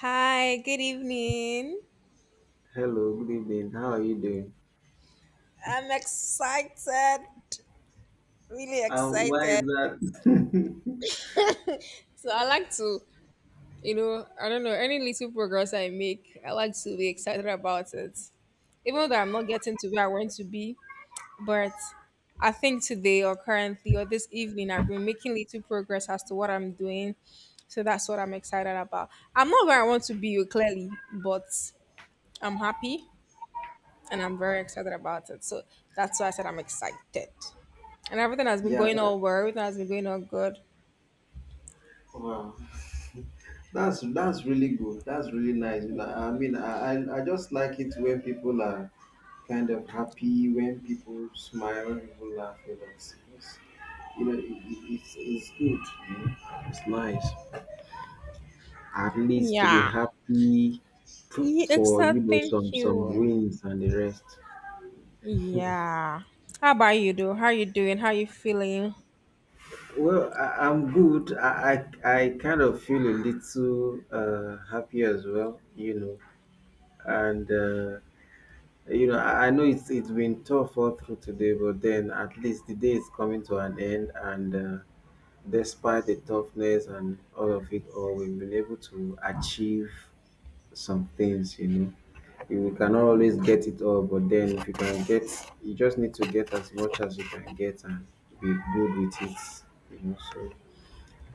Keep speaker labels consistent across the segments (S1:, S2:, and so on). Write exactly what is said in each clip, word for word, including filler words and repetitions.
S1: Hi, good evening.
S2: Hello, good evening. How are you doing?
S1: I'm excited, really
S2: And why
S1: excited.
S2: is that?
S1: So I like to, you know, I don't know, any little progress I make, I like to be excited about it. Even though I'm not getting to where I want to be, but I think today or currently or this evening I've been making little progress as to what I'm doing. So that's what I'm excited about. I'm not where I want to be, oh, clearly, but I'm happy and I'm very excited about it. So that's why I said I'm excited. And everything has been
S2: Yeah,
S1: going
S2: that
S1: all well. Everything has been going all good.
S2: wow. That's that's really good. That's really nice. You know, I mean, I, I I just like it when people are kind of happy, when people smile, when people laugh. You know, it's, it's- you know, it, it- it's it's good. You know, it's nice. At least to be
S1: Yeah.
S2: happy f-
S1: Yeah,
S2: for you
S1: exact.
S2: know
S1: Thank
S2: some some
S1: you.
S2: wins and the rest.
S1: Yeah. How about you, though? How you doing? How you feeling?
S2: Well, I, I'm good. I, I I kind of feel a little uh, happy as well, you know. And uh, you know, I, I know it's it's been tough all through today, but then at least the day is coming to an end. And uh, despite the toughness and all of it, all we've been able to achieve some things, you know. You cannot always get it all, but then if you can get, you just need to get as much as you can get and be good with it, you know. So.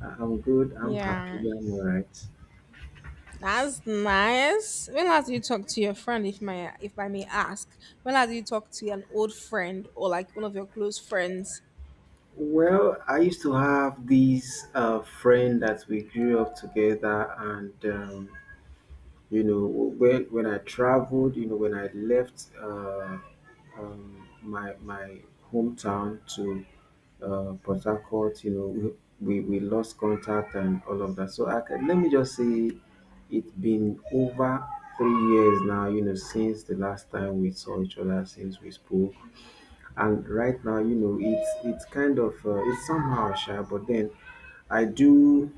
S2: I- am good. I'm happy.
S1: Yeah,
S2: I'm all right.
S1: that's nice. When last did you talk to your friend, if my if I may ask? When last did you talk to an old friend or like one of your close friends?
S2: Well, I used to have this uh, friend that we grew up together, and um, you know, when when I traveled, you know, when I left uh, um, my my hometown to uh, Port Harcourt, you know, we, we we lost contact and all of that. So I can, let me just say, it's been over three years now, you know, since the last time we saw each other, since we spoke, and right now you know it's it's kind of uh, it's somehow shy, but then I do,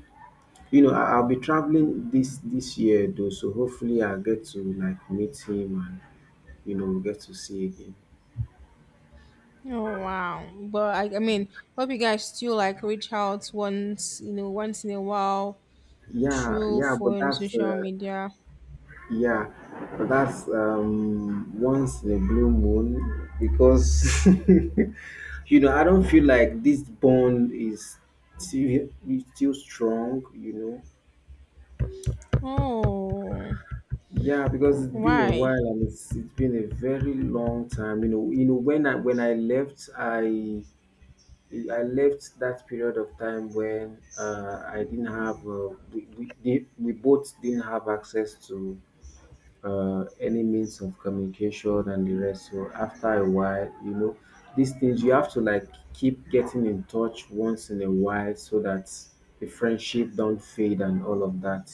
S2: you know, I, I'll be traveling this this year though, so hopefully I get to like meet him and you know get to see again.
S1: Oh wow! But I, I mean, hope you guys still like reach out once you know once in a while
S2: yeah
S1: through
S2: yeah but
S1: phone,
S2: that's uh,
S1: social media.
S2: yeah, but that's um once in a blue moon, because you know I don't feel like this bond is still, is still strong, you know.
S1: Oh,
S2: Yeah, because it's been a
S1: why?
S2: while and it's it's been a very long time. You know, you know when I when I left, I I left that period of time when uh, I didn't have uh, we we, did- we both didn't have access to uh, any means of communication and the rest. So after a while, you know, these things you have to like keep getting in touch once in a while so that the friendship don't fade and all of that.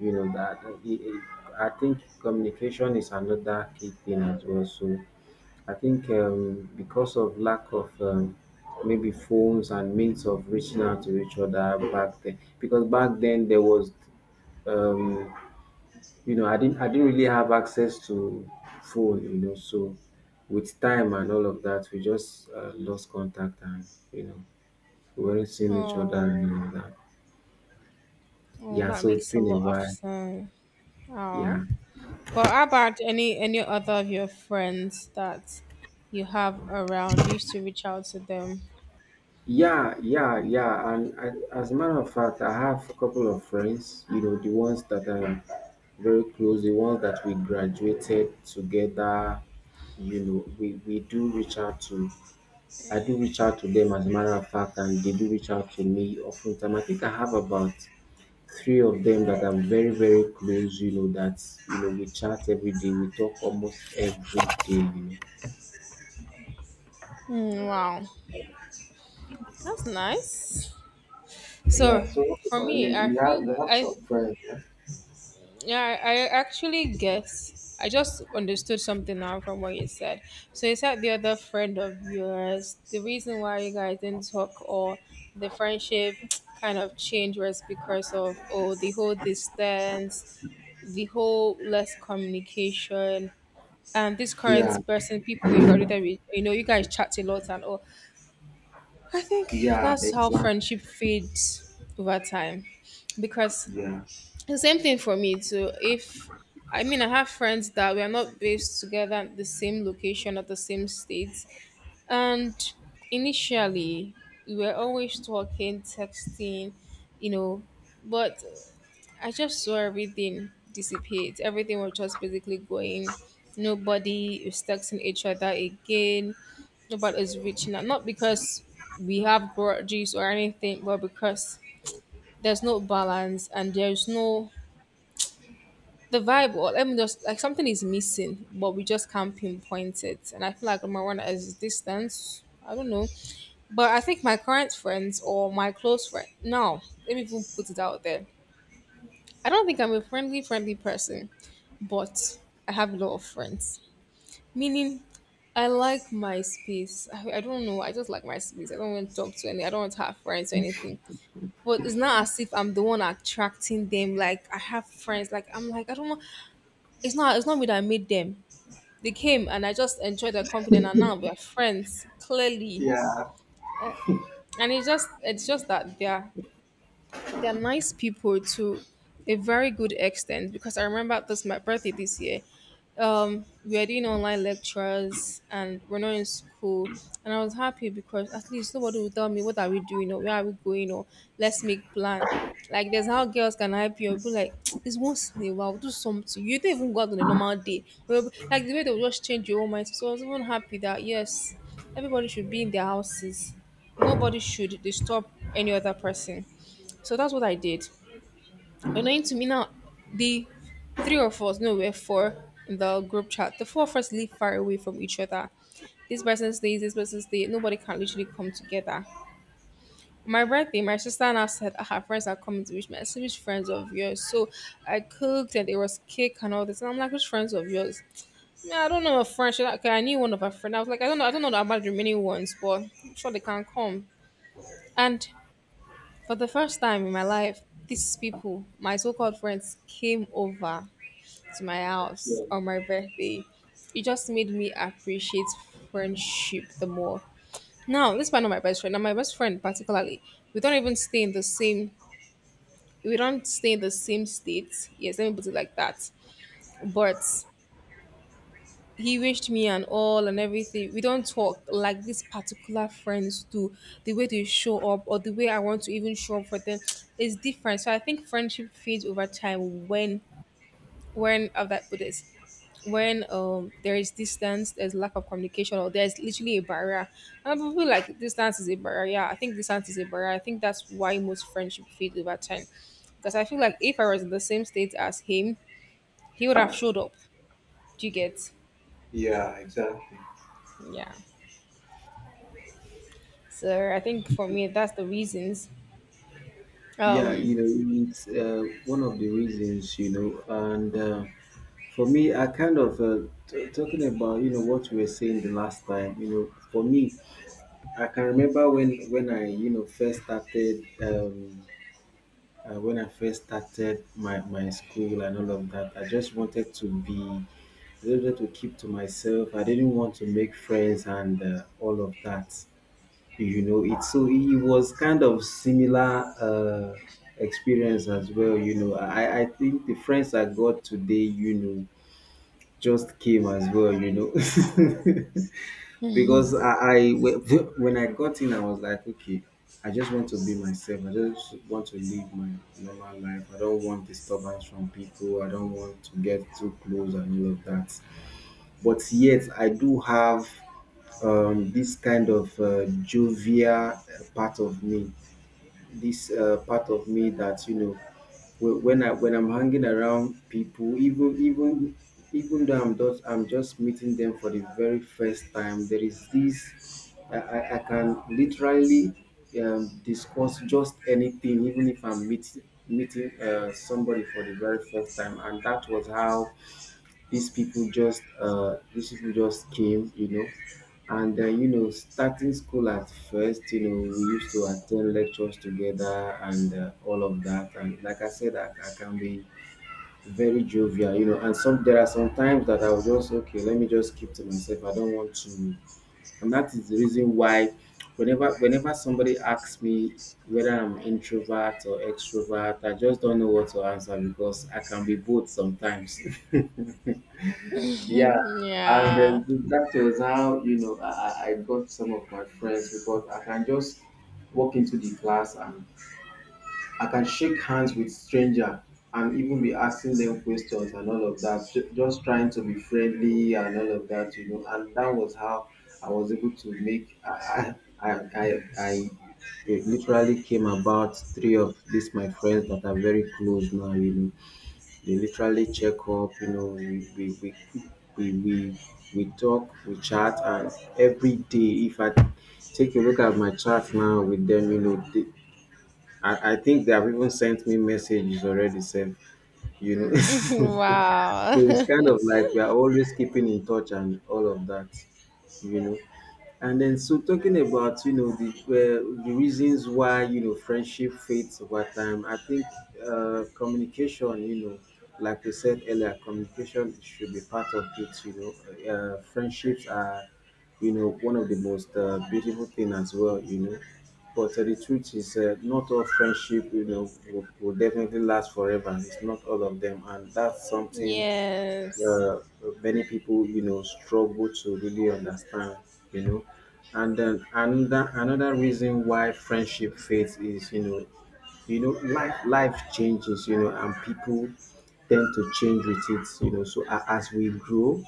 S2: You know that uh, it, it, I think communication is another key thing as well. So I think um, because of lack of um, maybe phones and means of reaching out to each other back then, because back then there was. Um, you know, I didn't I didn't really have access to phone, you know, so with time and all of that, we just uh, lost contact and, you know, we weren't seeing each other and
S1: Oh,
S2: all of that.
S1: oh,
S2: Yeah,
S1: that
S2: so it's
S1: makes a
S2: been a
S1: lot of
S2: while.
S1: sense. Oh,
S2: Yeah.
S1: but how about any any other of your friends that you have around? You used to reach out to them.
S2: Yeah, yeah, yeah. And I, as a matter of fact, I have a couple of friends, you know, the ones that are very close, the ones that we graduated together, you know, we, we do reach out to I do reach out to them as a matter of fact, and they do reach out to me often time. I think I have about three of them that I'm very, very close, you know, that you know, we chat every day, we talk almost every day, you know.
S1: Mm, wow, that's nice.
S2: Yeah,
S1: So
S2: so what
S1: for
S2: about
S1: me,
S2: you?
S1: I
S2: You
S1: feel
S2: have you have
S1: I.
S2: some friends, huh?
S1: Yeah, I, I actually guess. I just understood something now from what you said. So you said the other friend of yours, the reason why you guys didn't talk or the friendship kind of changed was because of oh the whole distance, the whole less communication, and this current
S2: Yeah,
S1: person, people you got with, you know, you guys chat a lot and all. I think
S2: yeah,
S1: that's how
S2: exactly.
S1: friendship fades over time because
S2: Yeah.
S1: the same thing for me too. If I mean, I have friends that we are not based together at the same location or the same states, and initially we were always talking, texting, you know, but I just saw everything dissipate. Everything was just basically going. Nobody is texting each other again. Nobody is reaching out. Not because we have grudges or anything, but because there's no balance and there's no the vibe or let me just like something is missing, but we just can't pinpoint it. And I feel like number one is distance, I don't know. But I think my current friends or my close friend, no, let me even put it out there, I don't think I'm a friendly friendly person, but I have a lot of friends, meaning I like my space. I, I don't know, I just like my space. I don't want to talk to any, I don't want to have friends or anything, but it's not as if I'm the one attracting them. Like I have friends. Like I'm like I don't want. It's not. It's not me that made them. They came and I just enjoyed their company and now we're friends clearly.
S2: Yeah,
S1: Uh, and it's just it's just that they're they're nice people to a very good extent because I remember this my birthday this year. Um we are doing online lectures and we're not in school, and I was happy because at least nobody will tell me what are we doing or where are we going or let's make plan. Like there's how girls can hype you up, be like, it's once in a while, do something, you don't even go out on a normal day. Well, like the way they'll just change your own mind. So I was even happy that yes, everybody should be in their houses. Nobody should disturb any other person. So that's what I did. Annoying to me now. The three of us, no, we're four in the group chat. The four of us live far away from each other. This person stays, this person stays. Nobody can literally come together. On my birthday, my sister now said, "Ah, her friends are coming to wish me." I said, which friends of yours? So I cooked and there was cake and all this. And I'm like, which friends of yours? Yeah, I don't know a friend. She's like, okay, I knew one of her friends. I was like, I don't know, I don't know about the remaining ones, but I'm sure they can come. And for the first time in my life, these people, my so-called friends, came over to my house
S2: yeah,
S1: on my birthday. It just made me appreciate friendship the more. Now, this man of my best friend, and my best friend particularly, we don't even stay in the same, we don't stay in the same state. Yes, let me put it like that. But he wished me and all and everything. We don't talk like these particular friends do. The way they show up or the way I want to even show up for them is different. So I think friendship fades over time when when of that with this. When um there is distance, there's lack of communication, or there's literally a barrier. And I feel like distance is a barrier. Yeah, I think distance is a barrier. I think that's why most friendship fade over time. Because I feel like if I was in the same state as him, he would have showed up. Do you get?
S2: yeah, exactly.
S1: Yeah. So I think for me that's the reasons.
S2: Yeah, you
S1: Um
S2: know, it's uh, one of the reasons, you know, and uh, for me, I kind of uh, t- talking about you know what we were saying the last time. You know, for me, I can remember when when I you know first started um, uh, when I first started my my school and all of that. I just wanted to be, I just wanted to keep to myself. I didn't want to make friends and uh, all of that. You know, it so it was kind of similar. Uh, experience as well, you know. I i think the friends I got today, you know, just came as well, you know, because I, I when I got in, I was like, okay, I just want to be myself. I just want to live my normal life. I don't want disturbance from people. I don't want to get too close and all of that. But yet, I do have um, this kind of uh, jovial uh, part of me, this uh, part of me that you know wh- when I when I'm hanging around people, even even even though I'm just I'm just meeting them for the very first time, there is this I, I I can literally um, discuss just anything, even if I'm meeting meeting uh, somebody for the very first time, and that was how these people just uh, these people just came, you know. And uh, you know, starting school at first, you know, we used to attend lectures together and uh, all of that. And like I said, I, I can be very jovial, you know. And some there are some times that I will just okay, let me just keep to myself. I don't want to, and that is the reason why, whenever whenever somebody asks me whether I'm introvert or extrovert, I just don't know what to answer because I can be both sometimes. Yeah, and
S1: yeah.
S2: then that was how you know I, I I got some of my friends because I can just walk into the class and I can shake hands with stranger and even be asking them questions and all of that, ju- just trying to be friendly and all of that, you know. And that was how I was able to make. I I I, I, I it literally came about three of these my friends that are very close now, you know. They literally check up, you know, we we we we we we talk, we chat and every day if I take a look at my chat now with them, you know, they, I, I think they have even sent me messages already self, you know. so
S1: wow.
S2: it's kind of like we are always keeping in touch and all of that, you know. And then, so talking about you know the uh, the reasons why you know friendship fades over time, I think uh, communication, you know, like we said earlier, communication should be part of it. You know, uh, friendships are you know one of the most uh, beautiful thing as well. You know, but uh, the truth is, uh, not all friendship you know will, will definitely last forever. It's not all of them, and that's something
S1: yes.
S2: uh, many people you know struggle to really understand, you know. And then another another reason why friendship fades is, you know, you know life life changes, you know, and people tend to change with it, you know. So a- as we grow,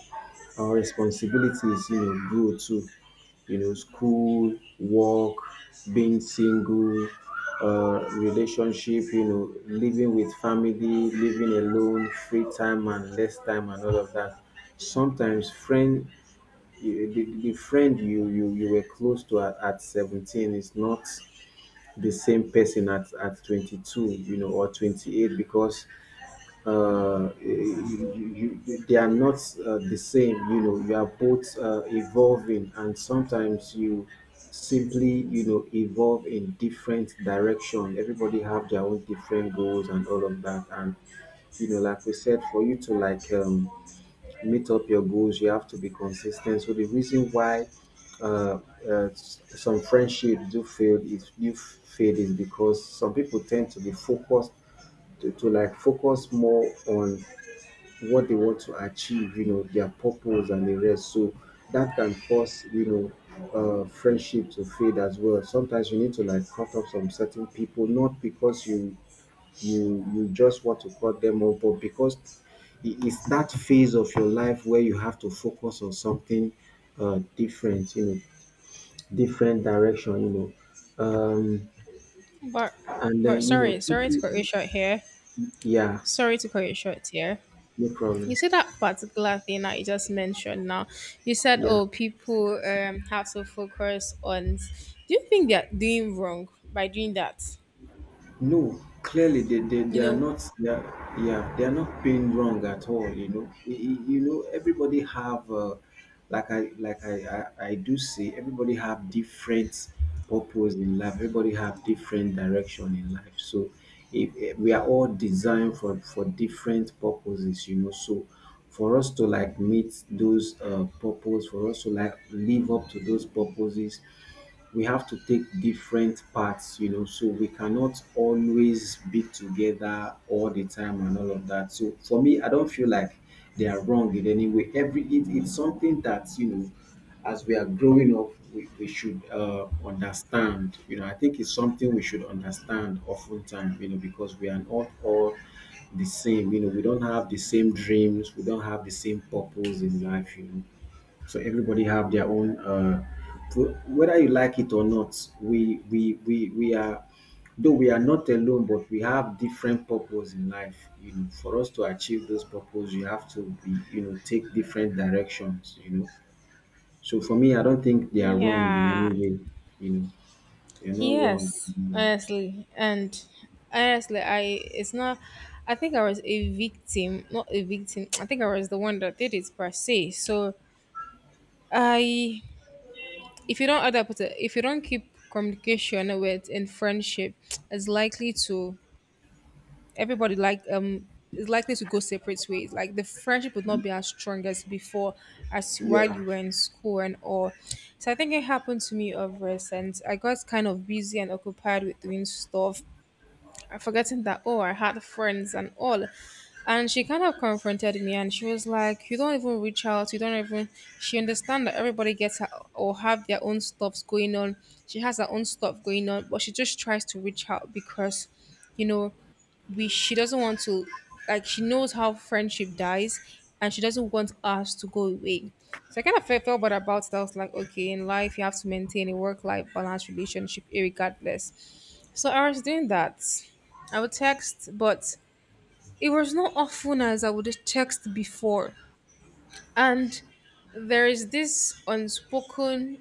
S2: our responsibilities, you know, grow too. You know, school, work, being single, uh, relationship, you know, living with family, living alone, free time and less time and all of that. Sometimes friend, you- the, the friend you, you you were close to at, at seventeen is not the same person at, at twenty-two, you know, or twenty-eight, because uh, you, you, they are not uh, the same. You know, you are both uh, evolving, and sometimes you simply, you know, evolve in different direction. Everybody have their own different goals and all of that. And you know, like we said, for you to like um, meet up your goals, you have to be consistent. So the reason why uh, uh, s- some friendships do fail is do fade is because some people tend to be focused to, to like focus more on what they want to achieve, you know, their purpose and the rest. So that can cause, you know, uh, friendship to fade as well. Sometimes you need to like cut off some certain people, not because you you you just want to cut them off, but because it is that phase of your life where you have to focus on something uh, different, you know, different direction, you know. Um,
S1: But
S2: and then,
S1: but
S2: you know,
S1: sorry, sorry to cut you
S2: people,
S1: short here.
S2: yeah,
S1: Sorry to cut you short here.
S2: no
S1: You
S2: problem.
S1: see that particular thing that you just mentioned now. You said,
S2: Yeah.
S1: "Oh, people um have to focus on." Do you think they're doing wrong by doing that?
S2: No, clearly they, they, they
S1: You
S2: are
S1: know?
S2: not, they are, yeah, they are not being wrong at all. You know, I- I- you know everybody have uh, like I like I, I I do say everybody have different purpose in life. Everybody have different direction in life. So if, eh, we are all designed for for different purposes, you know. So for us to like meet those uh, purpose, for us to like live up to those purposes we have to take different paths, you know, so we cannot always be together all the time and all of that. So for me, I don't feel like they are wrong in any way. Every it, it's something that, you know, as we are growing up, we, we should uh, understand. You know, I think it's something we should understand oftentimes. You know, because we are not all the same. You know, we don't have the same dreams. We don't have the same purpose in life. You know, so everybody have their own, uh, pro- whether you like it or not, we we we we are, though we are not alone, but we have different purpose in life. You know, for us to achieve those purpose, you have to be, you know, take different directions. You know, so for me, I don't think they are wrong in any
S1: Yeah.
S2: way. You know, they're not wrong.
S1: Yes.
S2: In any way.
S1: Honestly, and honestly, I it's not. I think I was a victim, not a victim. I think I was the one that did it per se. So I, if you don't adapt, it, if you don't keep communication with in friendship, it's likely to everybody like um is likely to go separate ways. Like the friendship would not be as strong as before, as while
S2: Yeah,
S1: you were in school and all. So I think it happened to me of recent. I got kind of busy and occupied with doing stuff. I forgetting that oh I had friends and all. And she kind of confronted me and she was like, you don't even reach out, you don't even, she understand that everybody gets her or have their own stuffs going on. She has her own stuff going on, but she just tries to reach out because, you know, we she doesn't want to, like she knows how friendship dies and she doesn't want us to go away. So I kind of felt, felt bad about it. I was like, okay, in life you have to maintain a work-life balance relationship, eh, regardless. So I was doing that. I would text, but it was not often as I would text before. And there is this unspoken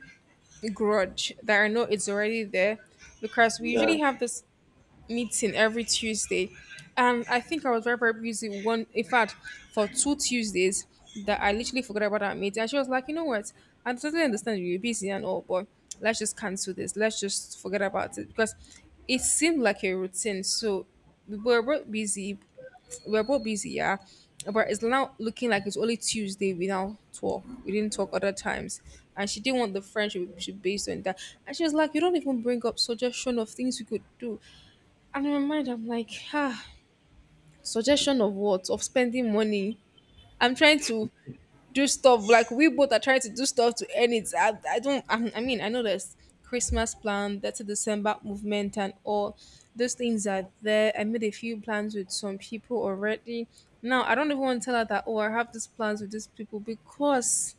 S1: grudge that I know it's already there because we
S2: yeah.
S1: usually have this meeting every Tuesday. And I think I was very, very busy one in fact for two Tuesdays that I literally forgot about that meeting. And she was like, you know what? I totally understand you're busy and all, but let's just cancel this. Let's just forget about it. Because it seemed like a routine. So we were both busy. We were both busy, yeah. But it's now looking like it's only Tuesday we now talk. We didn't talk other times. And she didn't want the friendship to be based on that. And she was like, you don't even bring up suggestion of things we could do. And in my mind, I'm like, ah, suggestion of what? Of spending money. I'm trying to do stuff. Like we both are trying to do stuff to earn it. I, I don't. I, I mean, I know there's Christmas plan, that's a December movement, and all those things are there. I made a few plans with some people already. Now I don't even want to tell her that. Oh, I have these plans with these people because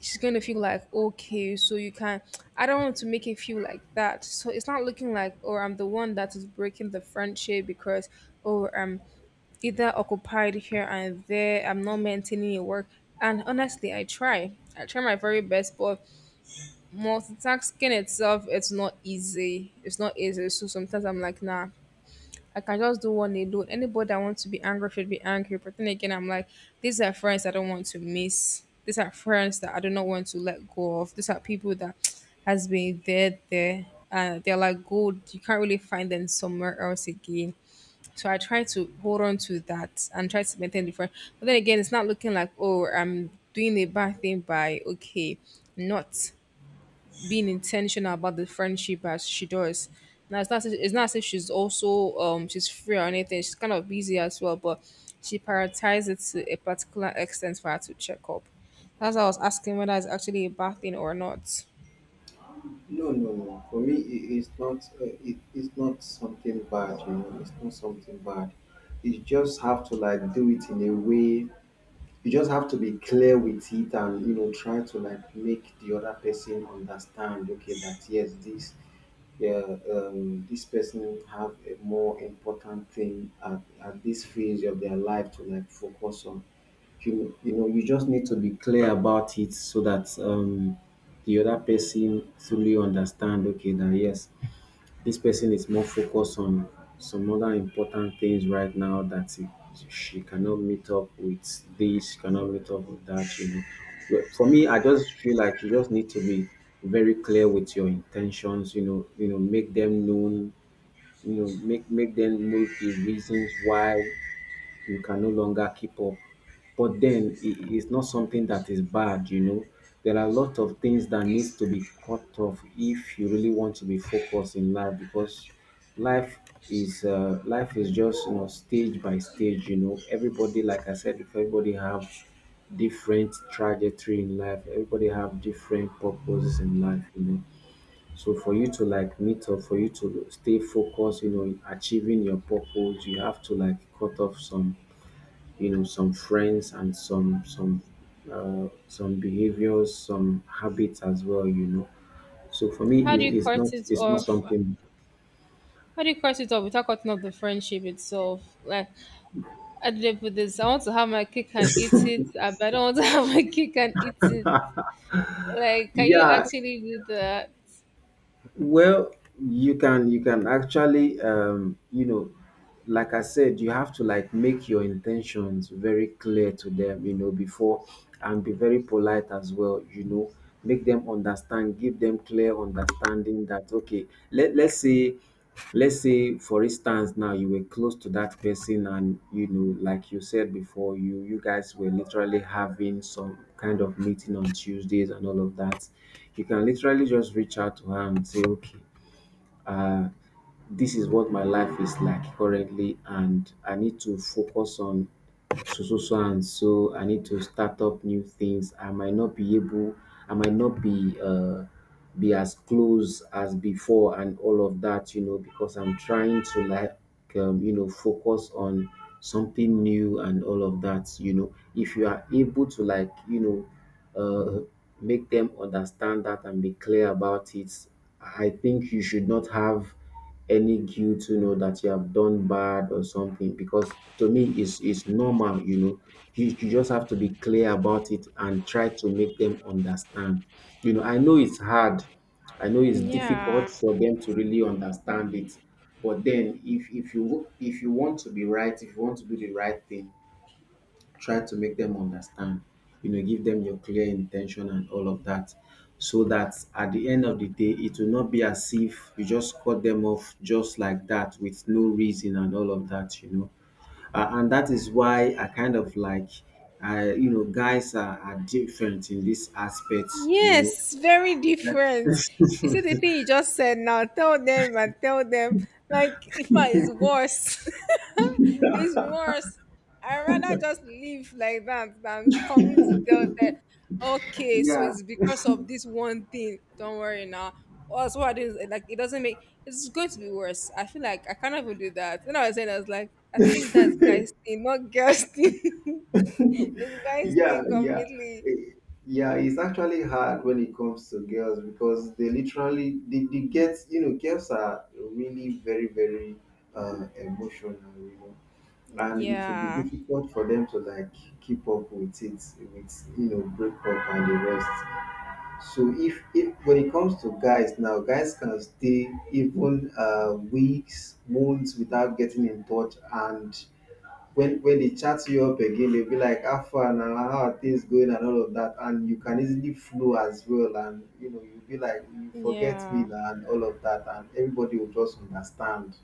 S1: she's going to feel like okay so you can, I don't want to make it feel like that. So it's not looking like or I'm the one that is breaking the friendship because or I'm either occupied here and there, I'm not maintaining your work. And honestly, i try i try my very best, but multitasking itself, it's not easy, it's not easy. So sometimes I'm like, nah, I can just do one alone. Anybody I want to be angry should be angry. But then again, I'm like, these are friends I don't want to miss. These are friends that I do not want to let go of. These are people that has been there, there, and they're like gold. You can't really find them somewhere else again. So I try to hold on to that and try to maintain the friend. But then again, it's not looking like, oh, I'm doing a bad thing by, okay, not being intentional about the friendship as she does. Now it's not as- it's not as if she's also um she's free or anything. She's kind of busy as well, but she prioritizes it to a particular extent for her to check up. That's why I was asking whether it's actually a bad thing or not.
S2: No, no, no. For me, it is not. Uh, it is not something bad. You know, it's not something bad. You just have to like do it in a way, you just have to be clear with it, and you know try to like make the other person understand, okay, that yes, this yeah, um this person have a more important thing at, at this phase of their life to like focus on. You you know you just need to be clear about it so that um the other person fully understand, okay, that yes, this person is more focused on some other important things right now that he, she cannot meet up with this, she cannot meet up with that, you know. But for me, I just feel like you just need to be very clear with your intentions, you know, you know, make them known, you know, make make them know the reasons why you can no longer keep up. But then it is not something that is bad, you know. There are a lot of things that needs to be cut off if you really want to be focused in life, because life is uh, life is just, you know, stage by stage, you know. Everybody, like I said before, everybody have different trajectory in life. Everybody have different purposes in life, you know. So for you to like meet up, for you to stay focused, you know, in achieving your purpose, you have to like cut off some, you know, some friends and some some uh, some behaviors, some habits as well, you know. So for me
S1: How do
S2: it,
S1: you
S2: it's
S1: cut
S2: not,
S1: it
S2: it's not
S1: off?
S2: something.
S1: How do you cut it off without cutting off the friendship itself? Like, how do they put this? I want to have my cake and eat it. I but I don't want to have my cake and eat it. Like, can you
S2: Yeah,
S1: actually do that?
S2: well, you can you can actually um you know, like I said, you have to like make your intentions very clear to them, you know, before, and be very polite as well, you know. Make them understand, give them clear understanding that, okay, let, let's say, let's say for instance, now you were close to that person, and you know like you said before, you you guys were literally having some kind of meeting on Tuesdays and all of that. You can literally just reach out to her and say, okay, uh, this is what my life is like currently, and I need to focus on so so so and so. I need to start up new things. I might not be able. I might not be uh, be as close as before, and all of that, you know, because I'm trying to like um, you know, focus on something new and all of that. You know, if you are able to like, you know, uh, make them understand that and be clear about it, I think you should not have any guilt, you know, that you have done bad or something. Because to me, it's it's normal, you know. You, you just have to be clear about it and try to make them understand. You know, I know it's hard, I know it's difficult
S1: Yeah.
S2: for them to really understand it, but then if if you, if you want to be right, if you want to do the right thing, try to make them understand. You know, give them your clear intention and all of that, so that at the end of the day, it will not be as if you just cut them off just like that with no reason and all of that. You know, uh, and that is why I kind of like. I, you know, guys are, are different in this aspect, you know.
S1: Yes, very different. You see the thing you just said now, tell them and tell them, like if I is worse. It's worse. I rather just live like that than coming to tell them, okay, so
S2: Yeah,
S1: it's because of this one thing. Don't worry now. Also, what is like, it doesn't make, it's going to be worse. I feel like I can't even do that. When I was saying I was like, I think that's guys thing, not girls thing. It's guys
S2: yeah
S1: thing
S2: yeah
S1: completely.
S2: Eh, yeah, it's actually hard when it comes to girls because they literally they, they get, you know, girls are really very very uh emotional, you know, and it will be
S1: Yeah.
S2: difficult for them to like keep up with it, with, you know, breakup and the rest. So if if when it comes to guys, now guys can stay even uh weeks, months without getting in touch, and when when they chat you up again, they'll be like, "How far now? How are things going?" and all of that, and you can easily flow as well, and you know you'll be like, "You forget me
S1: Yeah,
S2: now," and all of that, and everybody will just understand.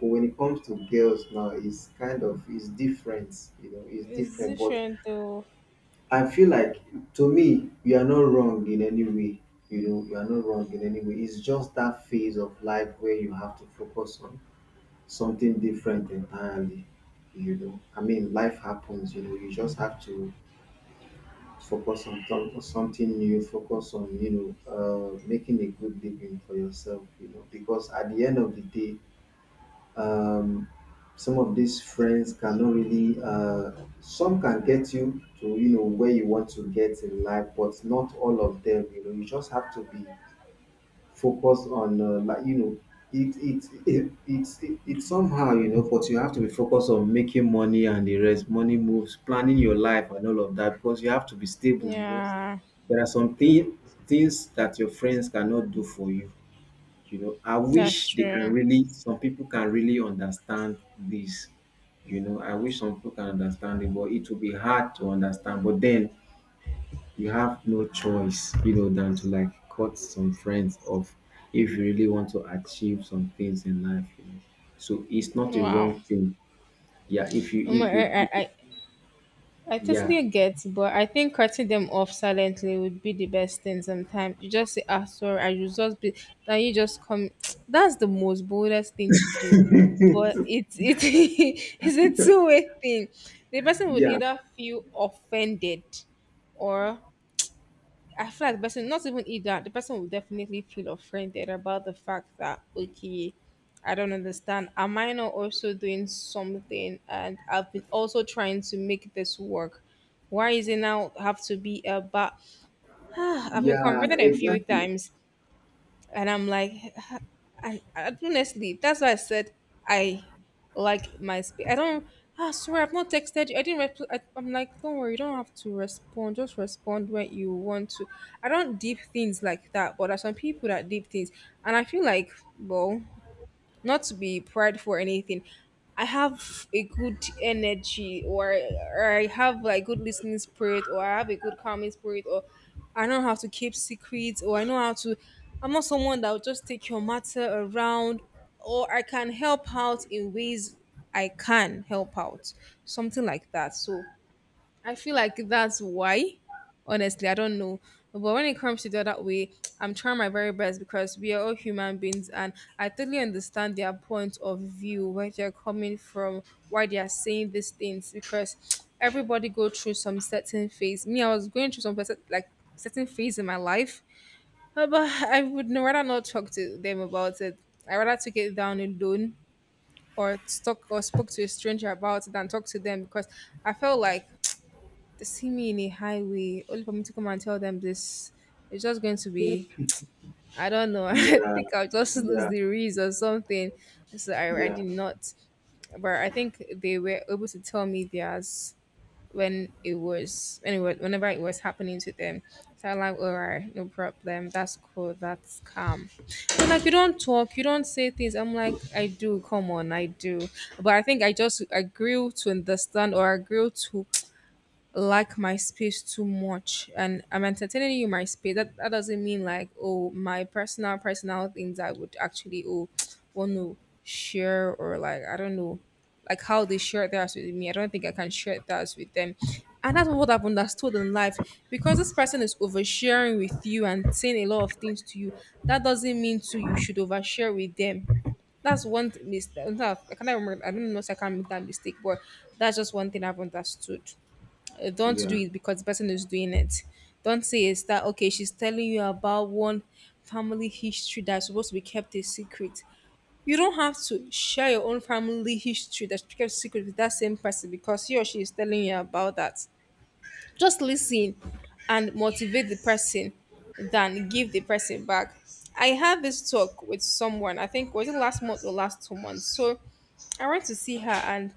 S2: But when it comes to girls now, it's kind of it's different, you know, it's
S1: it's
S2: different. But
S1: different though.
S2: I feel like, to me, you are not wrong in any way. You know, you are not wrong in any way. It's just that phase of life where you have to focus on something different entirely, you know. I mean, life happens, you know, you just have to focus on th- something new, focus on, you know, uh making a good living for yourself, you know, because at the end of the day um some of these friends cannot really uh some can get you to, you know, where you want to get in life, but not all of them, you know. You just have to be focus on uh, like, you know, it it it it's it, it's somehow, you know, but you have to be focused on making money and the rest, money moves, planning your life and all of that, because you have to be stable, you know.
S1: Yeah,
S2: There are some thing, things that your friends cannot do for you, you know. I
S1: that's
S2: wish they
S1: true.
S2: can really, some people can really understand this, you know. I wish some people can understand it, but it will be hard to understand, but then you have no choice, you know, than to like cut some friends off if you really want to achieve some things in life, you know. So it's not a
S1: Wow.
S2: wrong thing. Yeah, if you
S1: Um,
S2: if you
S1: I,
S2: if you,
S1: I, I
S2: yeah,
S1: totally get, but I think cutting them off silently would be the best thing sometimes. You just say, ah, sorry, I should just be, then you just come. That's the most boldest thing to do. But it, it's a two way thing. The person would
S2: yeah
S1: either feel offended, or I feel like the person, not even eat that, the person will definitely feel offended about the fact that, okay, I don't understand. Am I not also doing something? And I've been also trying to make this work. Why is it now have to be a but? I've been
S2: yeah
S1: confronted a few
S2: exactly,
S1: times and I'm like, and and honestly, that's why I said I like my space. I don't. I swear, I've not texted you. I didn't. Rep- I, I'm like, don't worry, you don't have to respond. Just respond when you want to. I don't deep things like that, but there's some people that deep things, and I feel like, well, not to be prideful or anything. I have a good energy, or, or I have like good listening spirit, or I have a good calming spirit, or I know how to keep secrets, or I know how to. I'm not someone that will just take your matter around, or I can help out in ways I can help out, something like that. So I feel like that's why. Honestly, I don't know. But when it comes to the other way, I'm trying my very best because we are all human beings and I totally understand their point of view, where they're coming from, why they are saying these things, because everybody go through some certain phase. Me, I was going through some perce- like certain phase in my life. Uh, But I would n- rather not talk to them about it. I rather take it down alone or talk or spoke to a stranger about it than talk to them because I felt like they see me in a highway only for me to come and tell them this, it's just going to be, I don't know. I
S2: yeah
S1: think I'll just lose
S2: yeah
S1: the reads or something. so i, I
S2: yeah
S1: did not, but I think they were able to tell me theirs when it was anyway whenever it was happening to them. So I'm like, all right, no problem, that's cool, that's calm. And like, you don't talk, you don't say things. I'm like, I do, come on, I do. But I think I just I grew to understand, or I grew to like my space too much, and I'm entertaining you in my space, that, that doesn't mean like, oh, my personal personal things I would actually, oh, want to share, or like, I don't know. Like how they share theirs with me, I don't think I can share theirs with them. And that's what I've understood in life. Because this person is oversharing with you and saying a lot of things to you, that doesn't mean to you should overshare with them. That's one mistake I can't remember, I don't know if I can make that mistake, but that's just one thing I've understood. uh, Don't
S2: yeah
S1: do it because the person is doing it. Don't say it's that, okay, she's telling you about one family history that's supposed to be kept a secret. You don't have to share your own family history that's kept secret with that same person because he or she is telling you about that. Just listen and motivate the person than give the person back. I had this talk with someone, I think was it last month or last two months. So I went to see her, and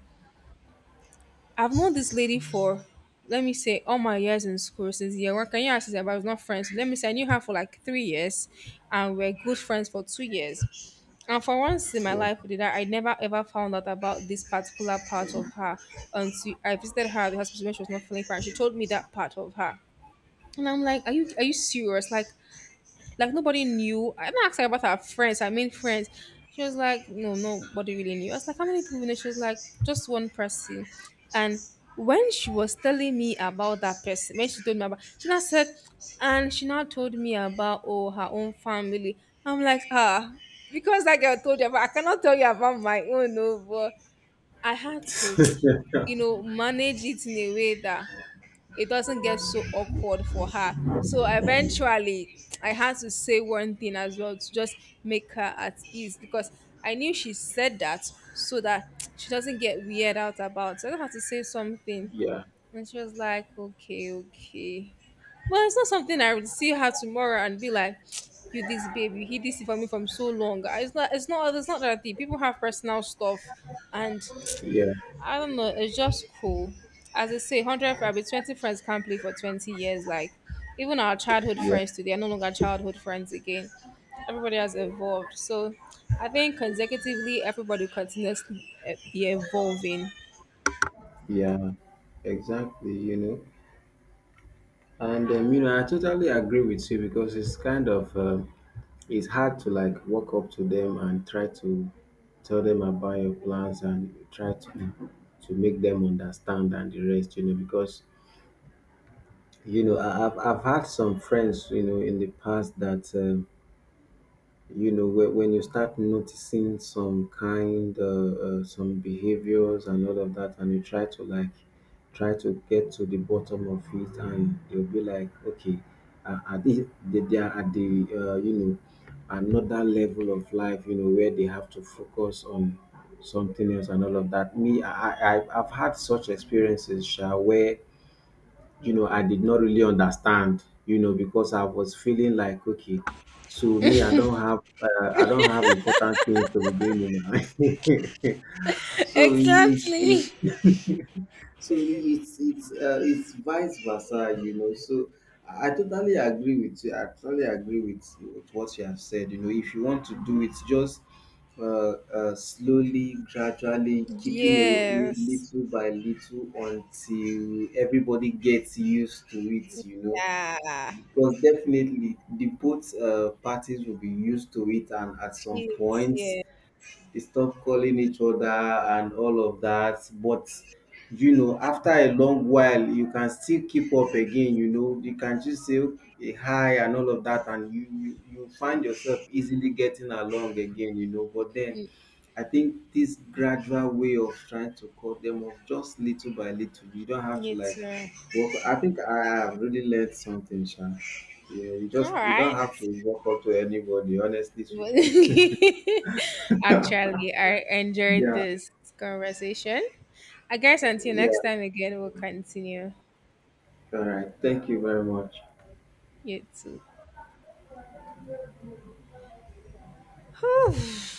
S1: I've known this lady for, let me say, all my years in school since year one. Can you ask that? But I was not friends? Let me say I knew her for like three years, and we are good friends for two years. And for once in my life did I, I never ever found out about this particular part of her until I visited her at the hospital when she was not feeling fine. She told me that part of her. And I'm like, are you are you serious? Like like nobody knew. I didn't ask her about her friends. I mean friends. She was like, no, nobody really knew. I was like, how many people know? She was like, just one person. And when she was telling me about that person, when she told me about, she now said, and she now told me about, oh, her own family. I'm like, ah, because that girl told you, but I cannot tell you about my own. No, but I had to, you know, manage it in a way that it doesn't get so awkward for her. So eventually, I had to say one thing as well to just make her at ease because I knew she said that so that she doesn't get weird out about. It. So I just had to say something,
S2: yeah
S1: and she was like, "Okay, okay." Well, it's not something I would see her tomorrow and be like, "You this babe, you hid this for me from so long." I- It's not. It's not. It's not that deep. People have personal stuff, and
S2: yeah
S1: I don't know. It's just cool. As I say, hundred probably twenty friends can't play for twenty years. Like even our childhood
S2: yeah
S1: friends today are no longer childhood friends again. Everybody has evolved. So I think consecutively, everybody continuously eh, be evolving.
S2: yeah exactly, you know. And um, you know, I totally agree with you because it's kind of um, it's hard to like walk up to them and try to tell them about your plans and try to to make them understand and the rest, you know. Because you know I, I've, I've had some friends, you know, in the past that um, you know, when, when you start noticing some kind uh, uh, some behaviors and all of that, and you try to like try to get to the bottom of it, and you'll be like, okay, uh, at this they, they are at the uh, you know, another level of life, you know, where they have to focus on something else and all of that. Me i, I i've I've had such experiences, Sha, where, you know, I did not really understand, you know, because I was feeling like, okay, so me, I don't have, uh, I don't have important things to be doing in my life. So it's
S1: Exactly.
S2: it, so it's it's uh, it's vice versa, you know. So I totally agree with you. I totally agree with, with what you have said. You know, if you want to do it, just uh, uh, slowly, gradually, keeping away
S1: Yes.
S2: little by little until everybody gets used to it. You know,
S1: Yeah.
S2: because definitely the both uh, parties will be used to it, and at some
S1: It's,
S2: point
S1: yeah.
S2: they stop calling each other and all of that. But you know, after a long while, you can still keep up again. You know, you can just say, okay, hi and all of that, and you you, you find yourself easily getting along again. You know, but then. I think this gradual way of trying to cut them off just little by little, you don't have
S1: Me
S2: to like
S1: too.
S2: work. I think I have really learned something, Sha. You know, you
S1: All
S2: just you don't
S1: right.
S2: have to walk up to anybody, honestly speaking.
S1: Actually, I enjoyed
S2: Yeah,
S1: this conversation. I guess until
S2: yeah.
S1: next time again, we'll continue.
S2: All right. Thank you very much.
S1: You too.